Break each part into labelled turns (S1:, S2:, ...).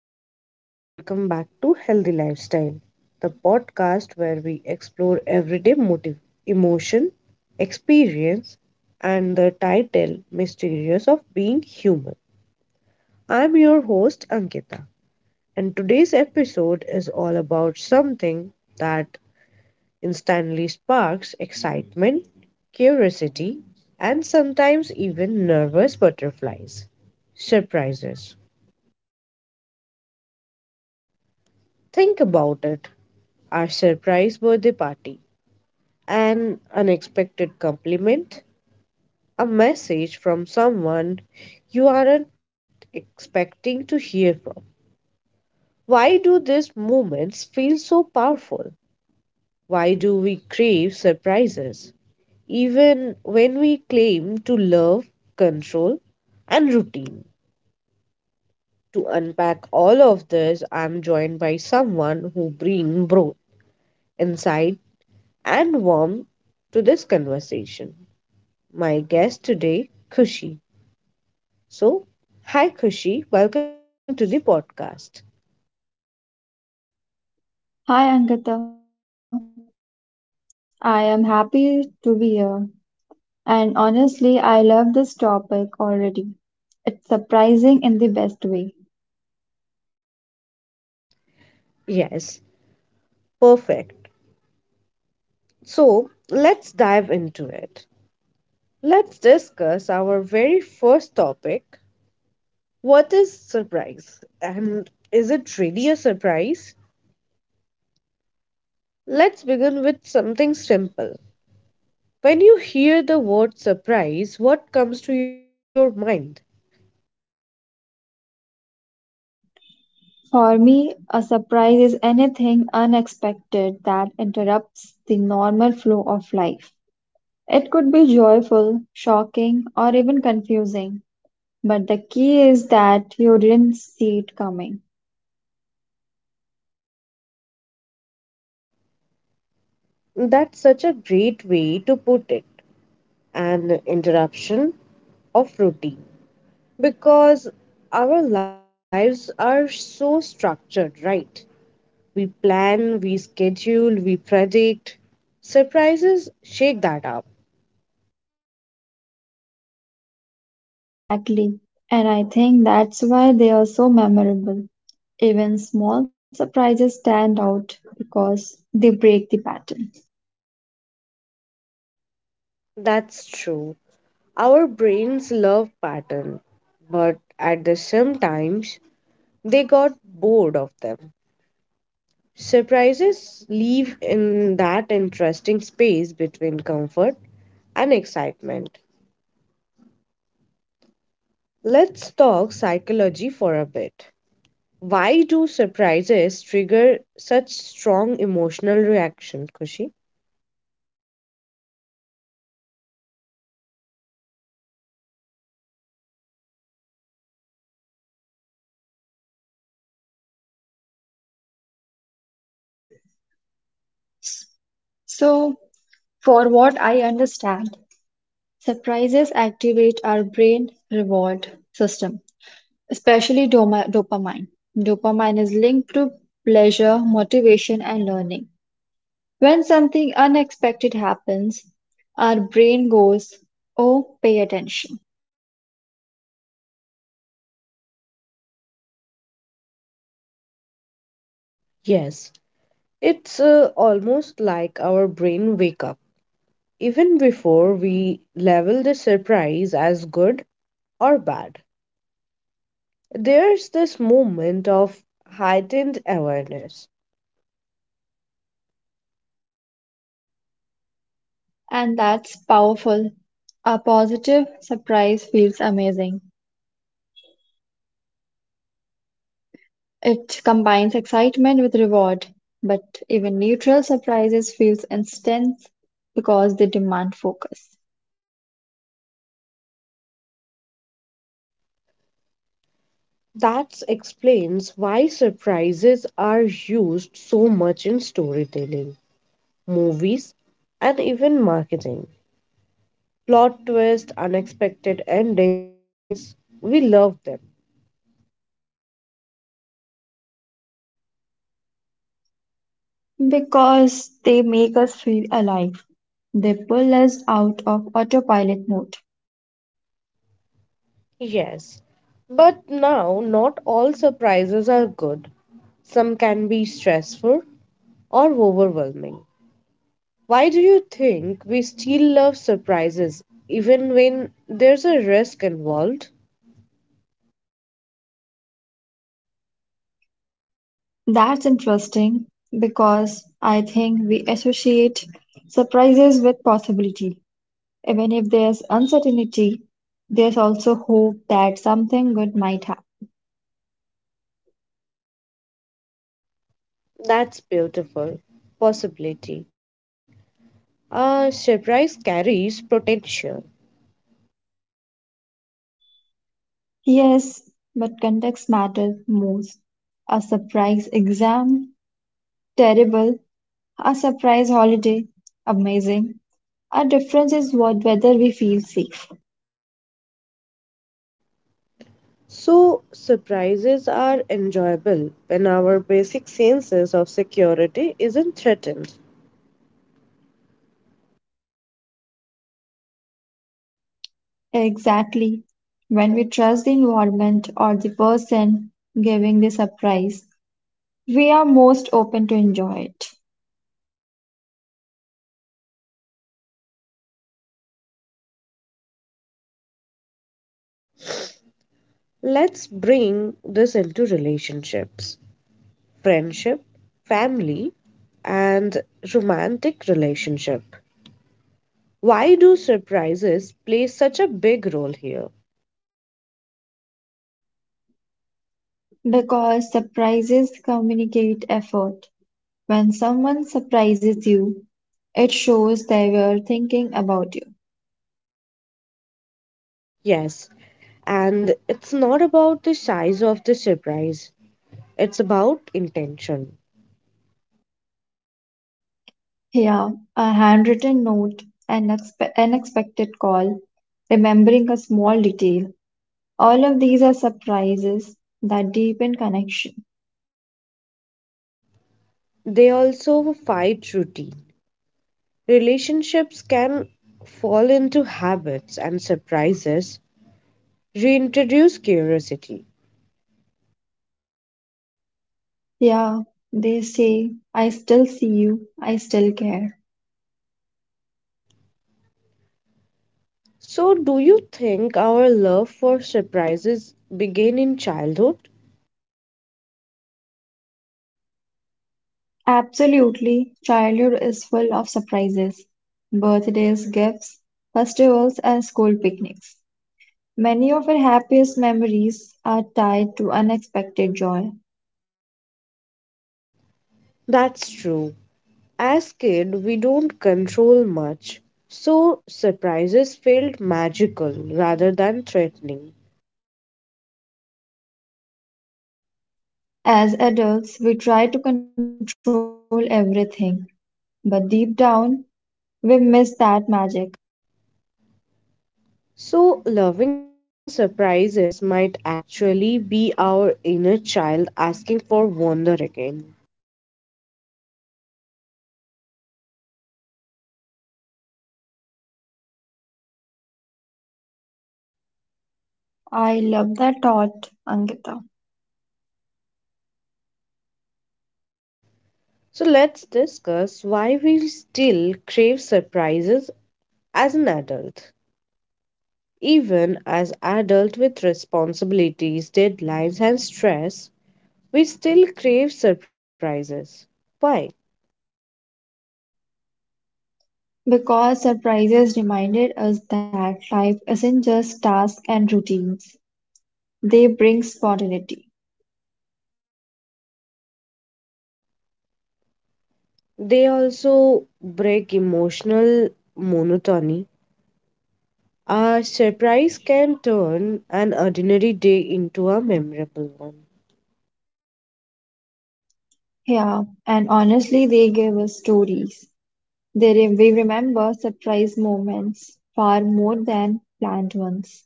S1: everyone, and welcome back to Healthy Lifestyle, the podcast where we explore everyday motive, emotion, experience, and the title Mysterious of Being Human. I'm your host, Ankita, and today's episode is all about something that instantly sparks excitement, curiosity, and sometimes even nervous butterflies surprises. Think about it our surprise birthday party, an unexpected compliment, a message from someone you aren't expecting to hear from. Why do these moments feel so powerful? Why do we crave surprises, even when we claim to love control and routine? To unpack all of this, I'm joined by someone who brings both insight and warmth to this conversation. My guest today, Kushi. So, hi Kushi, welcome to the podcast.
S2: Hi Ankita, I am happy to be here. And honestly, I love this topic already. It's surprising in the best way.
S1: Yes, perfect. So, let's dive into it. Let's discuss our very first topic, what is surprise and is it really a surprise? Let's begin with something simple. When you hear the word surprise, what comes to your mind?
S2: For me, a surprise is anything unexpected that interrupts the normal flow of life. It could be joyful, shocking, or even confusing, but the key is that you didn't see it coming.
S1: That's such a great way to put it, an interruption of routine. Because our lives are so structured, right? We plan, we schedule, we predict. Surprises shake that up.
S2: Exactly. And I think that's why they are so memorable. Even small surprises stand out because they break the pattern.
S1: That's true. Our brains love pattern, but at the same times they got bored of them. Surprises live in that interesting space between comfort and excitement. Let's talk psychology for a bit. Why do surprises trigger such strong emotional reaction, Kushi?
S2: So, for what I understand, surprises activate our brain reward system, especially dopamine. Dopamine is linked to pleasure, motivation, and learning. When something unexpected happens, our brain goes, "Oh, pay attention."
S1: Yes, it's almost like our brain wake up even before we level the surprise as good or bad. There's this moment of heightened awareness.
S2: And that's powerful. A positive surprise feels amazing. It combines excitement with reward, but even neutral surprises feels intense because they demand focus.
S1: That explains why surprises are used so much in storytelling, movies, and even marketing plot twist, unexpected endings. We love them.
S2: Because they make us feel alive. They pull us out of autopilot mode.
S1: Yes, but now, not all surprises are good. Some can be stressful or overwhelming. Why do you think we still love surprises even when there's a risk involved?
S2: That's interesting because I think we associate surprises with possibility. Even if there's uncertainty, there's also hope that something good might happen.
S1: That's beautiful. Possibility. A surprise carries potential.
S2: Yes, but context matters most. A surprise exam, terrible. A surprise holiday, amazing. Our difference is what whether we feel safe.
S1: So, surprises are enjoyable when our basic senses of security isn't threatened.
S2: Exactly. When we trust the environment or the person giving the surprise, we are most open to enjoy it.
S1: Let's bring this into relationships, friendship, family, and romantic relationship. Why do surprises play such a big role here?
S2: Because surprises communicate effort. When someone surprises you, it shows they were thinking about you.
S1: Yes, and it's not about the size of the surprise, it's about intention.
S2: Yeah, a handwritten note, an unexpected call, remembering a small detail. All of these are surprises that deepen connection.
S1: They also fight routine. Relationships can fall into habits and surprises reintroduce curiosity.
S2: Yeah, they say, I still see you, I still care.
S1: So, do you think our love for surprises begin in childhood?
S2: Absolutely, childhood is full of surprises: birthdays, gifts, festivals, and school picnics. Many of our happiest memories are tied to unexpected joy.
S1: That's true. As kid, we don't control much. So, surprises felt magical rather than threatening.
S2: As adults, we try to control everything, but deep down, we miss that magic.
S1: So, loving surprises might actually be our inner child asking for wonder again.
S2: I love that thought, Ankita,
S1: So let's discuss why we still crave surprises as an adult. Even as adult with responsibilities, deadlines and stress, we still crave surprises. Why?
S2: because surprises reminded us that life isn't just tasks and routines. They bring spontaneity.
S1: They also break emotional monotony. A surprise can turn an ordinary day into a memorable one.
S2: Yeah, and honestly, they give us stories. We remember surprise moments far more than planned ones.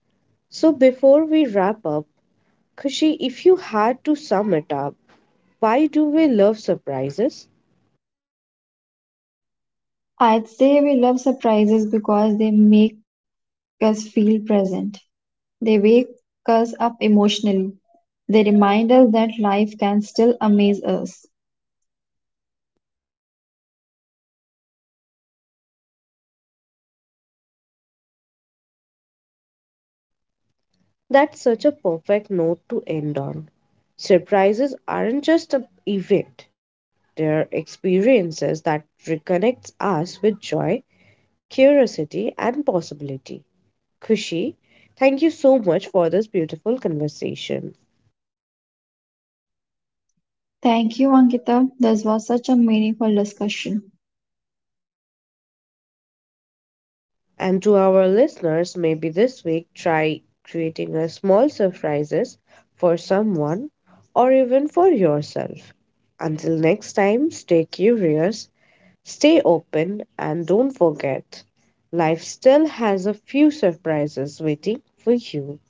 S1: So before we wrap up, Kushi, if you had to sum it up, why do we love surprises?
S2: I'd say we love surprises because they make us feel present. They wake us up emotionally. They remind us that life can still amaze us.
S1: That's such a perfect note to end on. Surprises aren't just an event, they're experiences that reconnects us with joy, curiosity, and possibility. Kushi, thank you so much for this beautiful conversation.
S2: Thank you, Ankita. This was such a meaningful discussion.
S1: And to our listeners, maybe this week try creating a small surprises for someone or even for yourself. Until next time, stay curious, stay open and don't forget, life still has a few surprises waiting for you.